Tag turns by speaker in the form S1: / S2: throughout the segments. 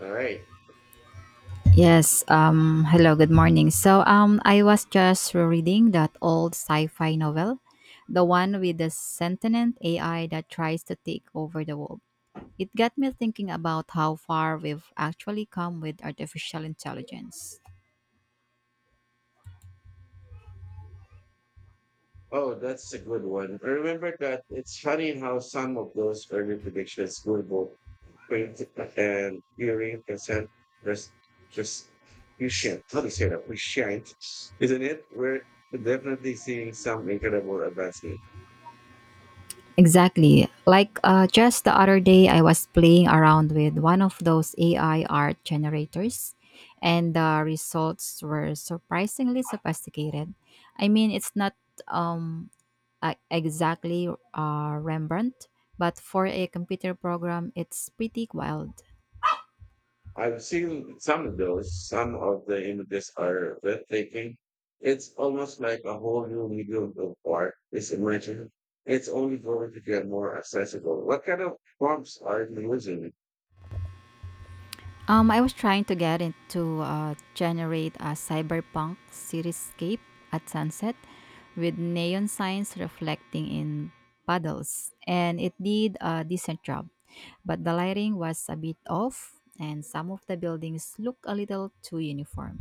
S1: All right.
S2: Yes, hello, good morning. So I was just reading that old sci-fi novel, the one with the sentient AI that tries to take over the world. It got me thinking about how far we've actually come with artificial intelligence.
S1: Oh, that's a good one. I remember that it's funny how some of those early predictions were both print and hearing percent res just you share. How do you say that? We shan't, isn't it? We're definitely seeing some incredible advancement.
S2: Exactly. Like just the other day I was playing around with one of those AI art generators and the results were surprisingly sophisticated. I mean, it's not um exactly Rembrandt, but for a computer program, it's pretty wild.
S1: I've seen some of those. Some of the images are breathtaking. It's almost like a whole new medium of art is emerging. It's only going to get more accessible. What kind of prompts are you using?
S2: I was trying to get it to generate a cyberpunk cityscape at sunset with neon signs reflecting in puddles, and it did a decent job. But the lighting was a bit off, and some of the buildings look a little too uniform.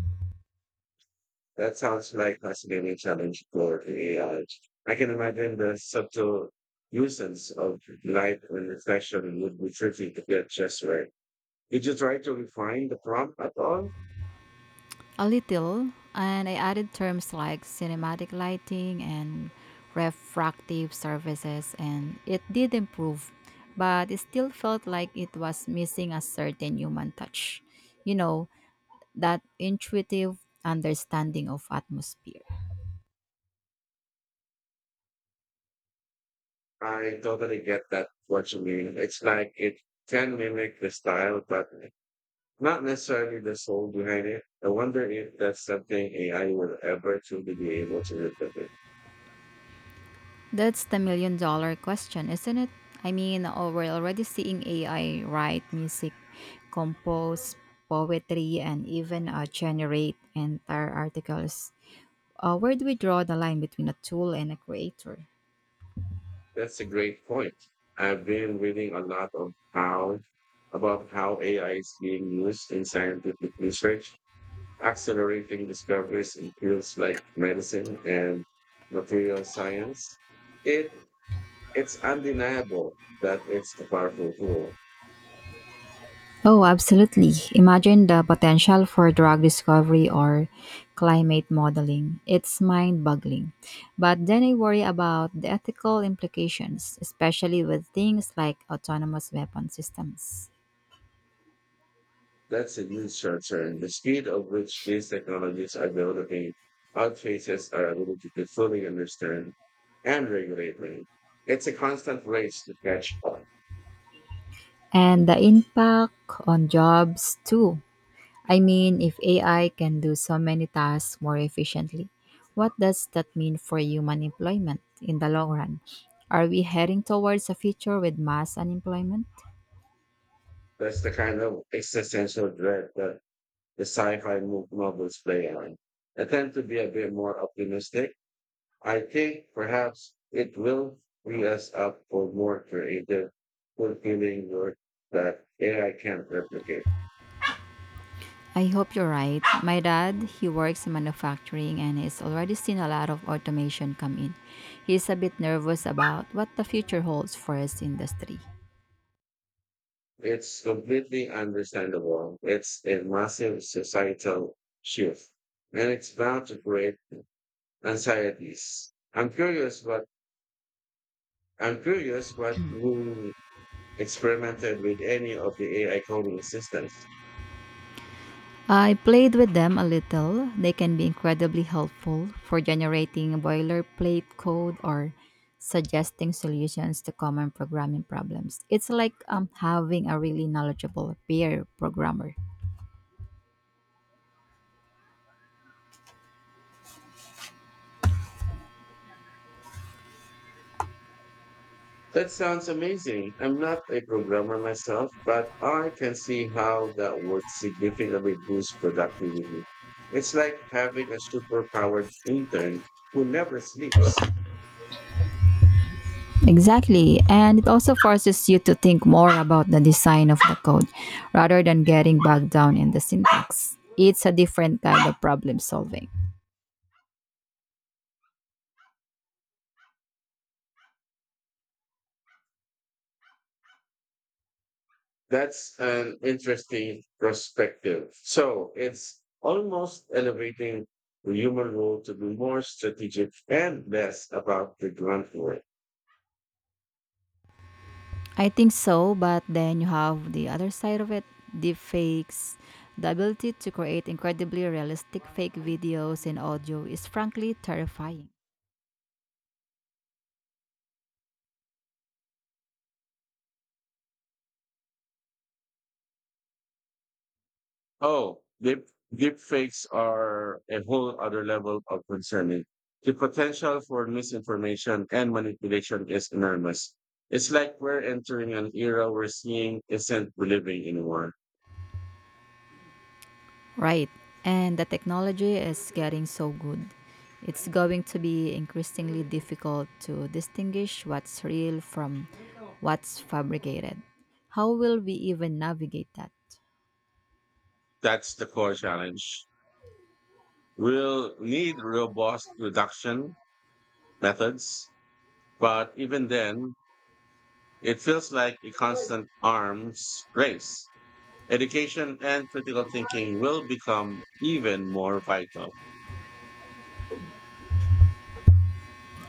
S1: That sounds like fascinating challenge for AI. I can imagine the subtle nuisance of light and reflection would be tricky to get just right. Did you try to refine the prompt at all?
S2: A little, and I added terms like cinematic lighting and refractive surfaces, and it did improve, but it still felt like it was missing a certain human touch. You know, that intuitive understanding of atmosphere.
S1: I totally get that what you mean. It's like it can mimic the style, but not necessarily the soul behind it. I wonder if that's something AI will ever truly be able to replicate.
S2: That's the million-dollar question, isn't it? I mean, oh, we're already seeing AI write music, compose poetry, and even generate entire articles. Where do we draw the line between a tool and a creator?
S1: That's a great point. I've been reading a lot of how About how AI is being used in scientific research, accelerating discoveries in fields like medicine and material science. It it's undeniable that it's a powerful tool.
S2: Oh, absolutely. Imagine the potential for drug discovery or climate modeling. It's mind boggling. But then I worry about the ethical implications, especially with things like autonomous weapon systems.
S1: That's a huge concern. The speed of which these technologies are developing outpaces our ability to fully understand and regulate them. It's a constant race to catch up.
S2: And the impact on jobs too. I mean, if AI can do so many tasks more efficiently, what does that mean for human employment in the long run? Are we heading towards a future with mass unemployment?
S1: That's the kind of existential dread that the novels play on. I tend to be a bit more optimistic. I think perhaps it will free us up for more creative, fulfilling work that AI can't replicate.
S2: I hope you're right. My dad, he works in manufacturing and he's already seen a lot of automation come in. He's a bit nervous about what the future holds for his industry.
S1: It's completely understandable. It's a massive societal shift, and it's bound to create anxieties. I'm curious what you experimented with any of the AI coding assistants.
S2: I played with them a little. They can be incredibly helpful for generating boilerplate code or suggesting solutions to common programming problems. It's like having a really knowledgeable peer programmer.
S1: That sounds amazing. I'm not a programmer myself, but I can see how that would significantly boost productivity. It's like having a superpowered intern who never sleeps.
S2: Exactly. And it also forces you to think more about the design of the code rather than getting bogged down in the syntax. It's a different kind of problem solving.
S1: That's an interesting perspective. So it's almost elevating the human role to be more strategic and less about the grunt work.
S2: I think so, but then you have the other side of it, deepfakes. The ability to create incredibly realistic fake videos and audio is frankly terrifying.
S1: Oh, deep fakes are a whole other level of concerning. The potential for misinformation and manipulation is enormous. It's like we're entering an era where seeing isn't believing anymore.
S2: Right, and the technology is getting so good. It's going to be increasingly difficult to distinguish what's real from what's fabricated. How will we even navigate that?
S1: That's the core challenge. We'll need robust reduction methods, but even then, it feels like a constant arms race. Education and critical thinking will become even more vital.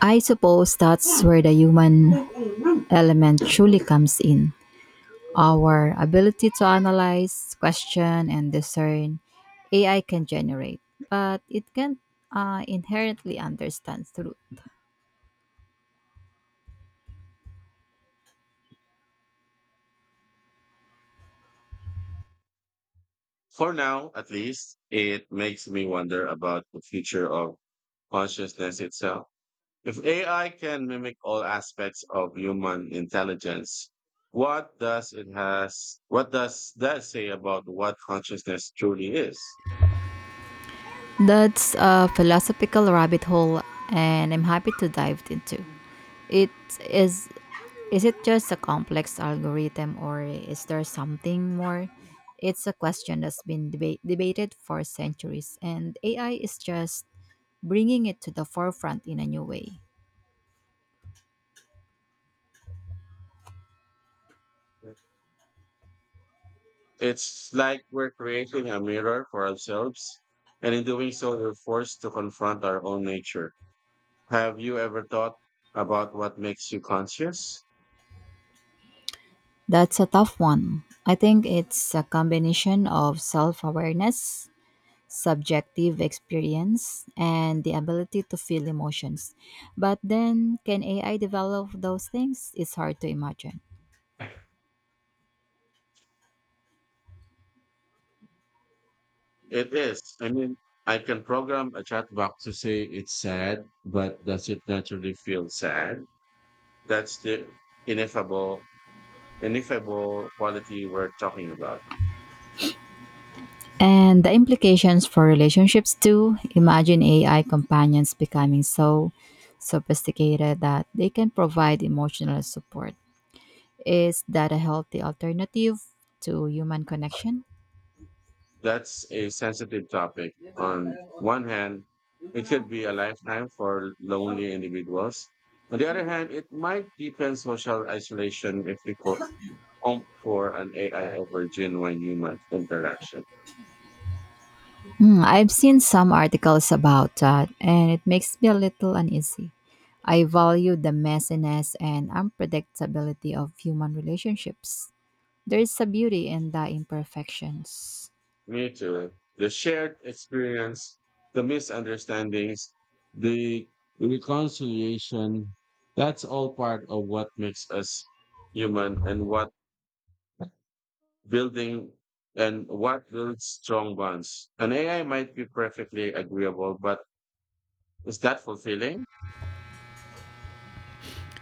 S2: I suppose that's where the human element truly comes in. Our ability to analyze, question, and discern. AI can generate, but it can't inherently understand truth.
S1: For now, at least, it makes me wonder about the future of consciousness itself. If AI can mimic all aspects of human intelligence, what does that say about what consciousness truly is?
S2: That's a philosophical rabbit hole, and I'm happy to dive into. It is is it just a complex algorithm, or is there something more? It's a question that's been debated for centuries, and AI is just bringing it to the forefront in a new way.
S1: It's like we're creating a mirror for ourselves, and in doing so, we're forced to confront our own nature. Have you ever thought about what makes you conscious?
S2: That's a tough one. I think it's a combination of self awareness, subjective experience, and the ability to feel emotions. But then, can AI develop those things? It's hard to imagine.
S1: It is. I mean, I can program a chat box to say it's sad, but does it naturally feel sad? That's the ineffable, ineffable quality we're talking about.
S2: And the implications for relationships, too. Imagine AI companions becoming so sophisticated that they can provide emotional support. Is that a healthy alternative to human connection?
S1: That's a sensitive topic. On one hand, it could be a lifetime for lonely individuals. On the other hand, it might deepen social isolation if we opt for an AI over genuine human interaction.
S2: Mm, I've seen some articles about that, and it makes me a little uneasy. I value the messiness and unpredictability of human relationships. There is a beauty in the imperfections.
S1: Me too. The shared experience, the misunderstandings, the reconciliation, that's all part of what makes us human and what building and what builds strong bonds. An AI might be perfectly agreeable, but is that fulfilling?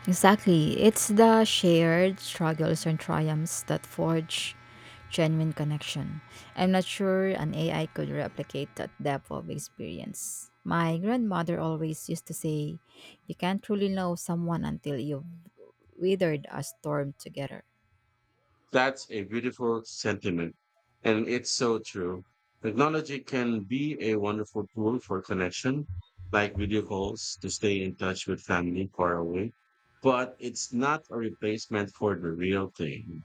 S2: Exactly. It's the shared struggles and triumphs that forge genuine connection. I'm not sure an AI could replicate that depth of experience. My grandmother always used to say, "You can't truly know someone until you've weathered a storm together."
S1: That's a beautiful sentiment. And it's so true. Technology can be a wonderful tool for connection, like video calls to stay in touch with family far away, but it's not a replacement for the real thing.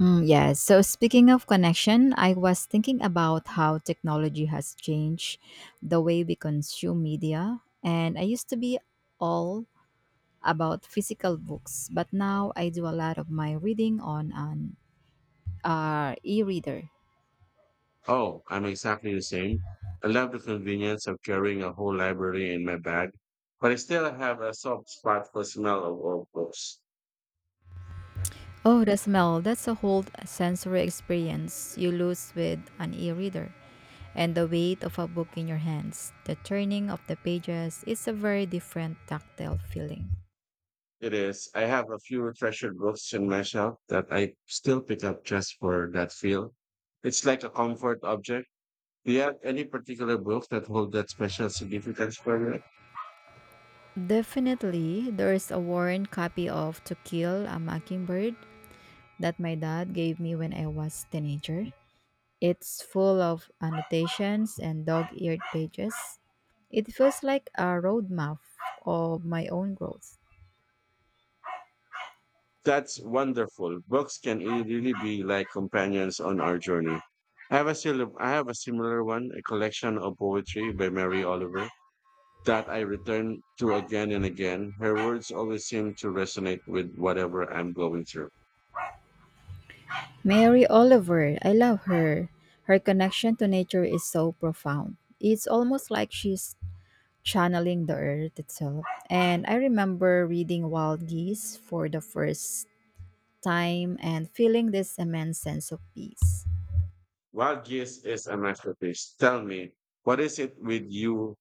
S2: Mm, yes. So speaking of connection, I was thinking about how technology has changed the way we consume media. And I used to be all about physical books, but now I do a lot of my reading on an e-reader.
S1: Oh, I'm exactly the same. I love the convenience of carrying a whole library in my bag, but I still have a soft spot for smell of old books.
S2: Oh, the smell, that's a whole sensory experience you lose with an e-reader. And the weight of a book in your hands, the turning of the pages, it's a very different tactile feeling.
S1: It is. I have a few treasured books in my shelf that I still pick up just for that feel. It's like a comfort object. Do you have any particular books that hold that special significance for you?
S2: Definitely, there's a worn copy of To Kill a Mockingbird that my dad gave me when I was teenager. It's full of annotations and dog eared pages. It feels like a roadmap of my own growth.
S1: That's wonderful. Books really be like companions on our journey. I have a similar one, a collection of poetry by Mary Oliver that I return to again and again. Her words always seem to resonate with whatever I'm going through.
S2: Mary Oliver, I love her. Her connection to nature is so profound. It's almost like she's channeling the earth itself. And I remember reading Wild Geese for the first time and feeling this immense sense of peace.
S1: What gives is a masterpiece. Tell me, what is it with you?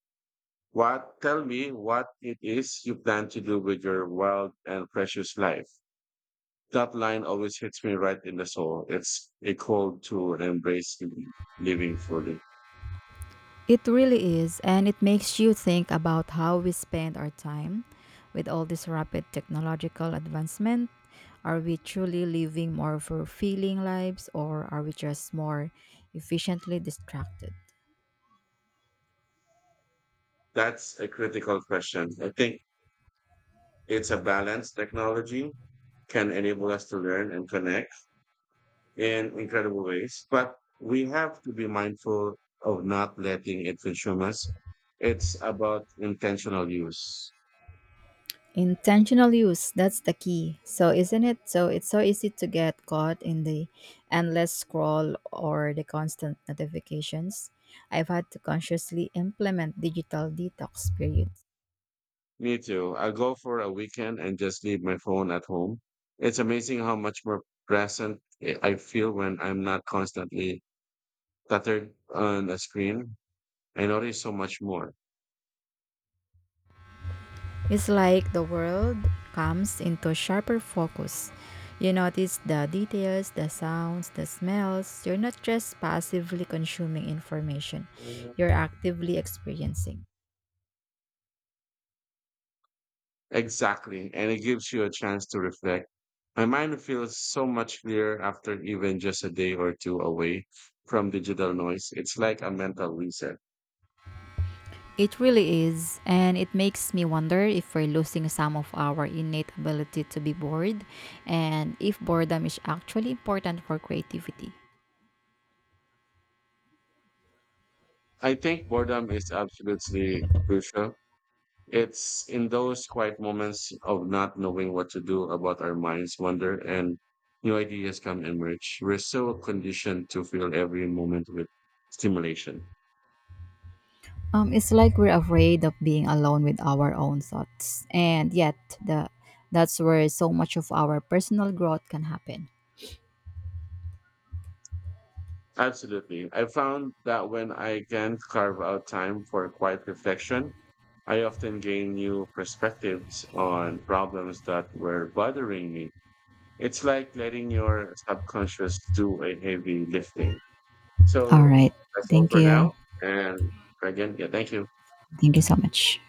S1: What tell me what it is you plan to do with your wild and precious life. That line always hits me right in the soul. It's a call to embrace living fully.
S2: It really is, and it makes you think about how we spend our time with all this rapid technological advancement. Are we truly living more fulfilling lives, or are we just more efficiently distracted?
S1: That's a critical question. I think it's a balance. Technology can enable us to learn and connect in incredible ways, but we have to be mindful of not letting it consume us. It's about intentional use.
S2: Intentional use, that's the key. So, isn't it? So, it's so easy to get caught in the endless scroll or the constant notifications. I've had to consciously implement digital detox periods.
S1: Me too. I go for a weekend and just leave my phone at home. It's amazing how much more present I feel when I'm not constantly cluttered on a screen. I notice so much more.
S2: It's like the world comes into sharper focus. You notice the details, the sounds, the smells. You're not just passively consuming information,
S1: Yeah.
S2: you're actively experiencing.
S1: Exactly. And it gives you a chance to reflect. My mind feels so much clearer after even just a day or two away from digital noise. It's like a mental reset.
S2: It really is, and it makes me wonder if we're losing some of our innate ability to be bored and if boredom is actually important for creativity.
S1: I think boredom is absolutely crucial. It's in those quiet moments of not knowing what to do about our minds wander and new ideas come emerge. We're so conditioned to fill every moment with stimulation.
S2: It's like we're afraid of being alone with our own thoughts, and yet the that's where so much of our personal growth can happen.
S1: Absolutely. I found that when I can carve out time for quiet reflection, I often gain new perspectives on problems that were bothering me. It's like letting your subconscious do a heavy lifting.
S2: All
S1: So
S2: right,
S1: that's all
S2: thank
S1: for
S2: you,
S1: now. And again, yeah, thank you.
S2: thank you so much.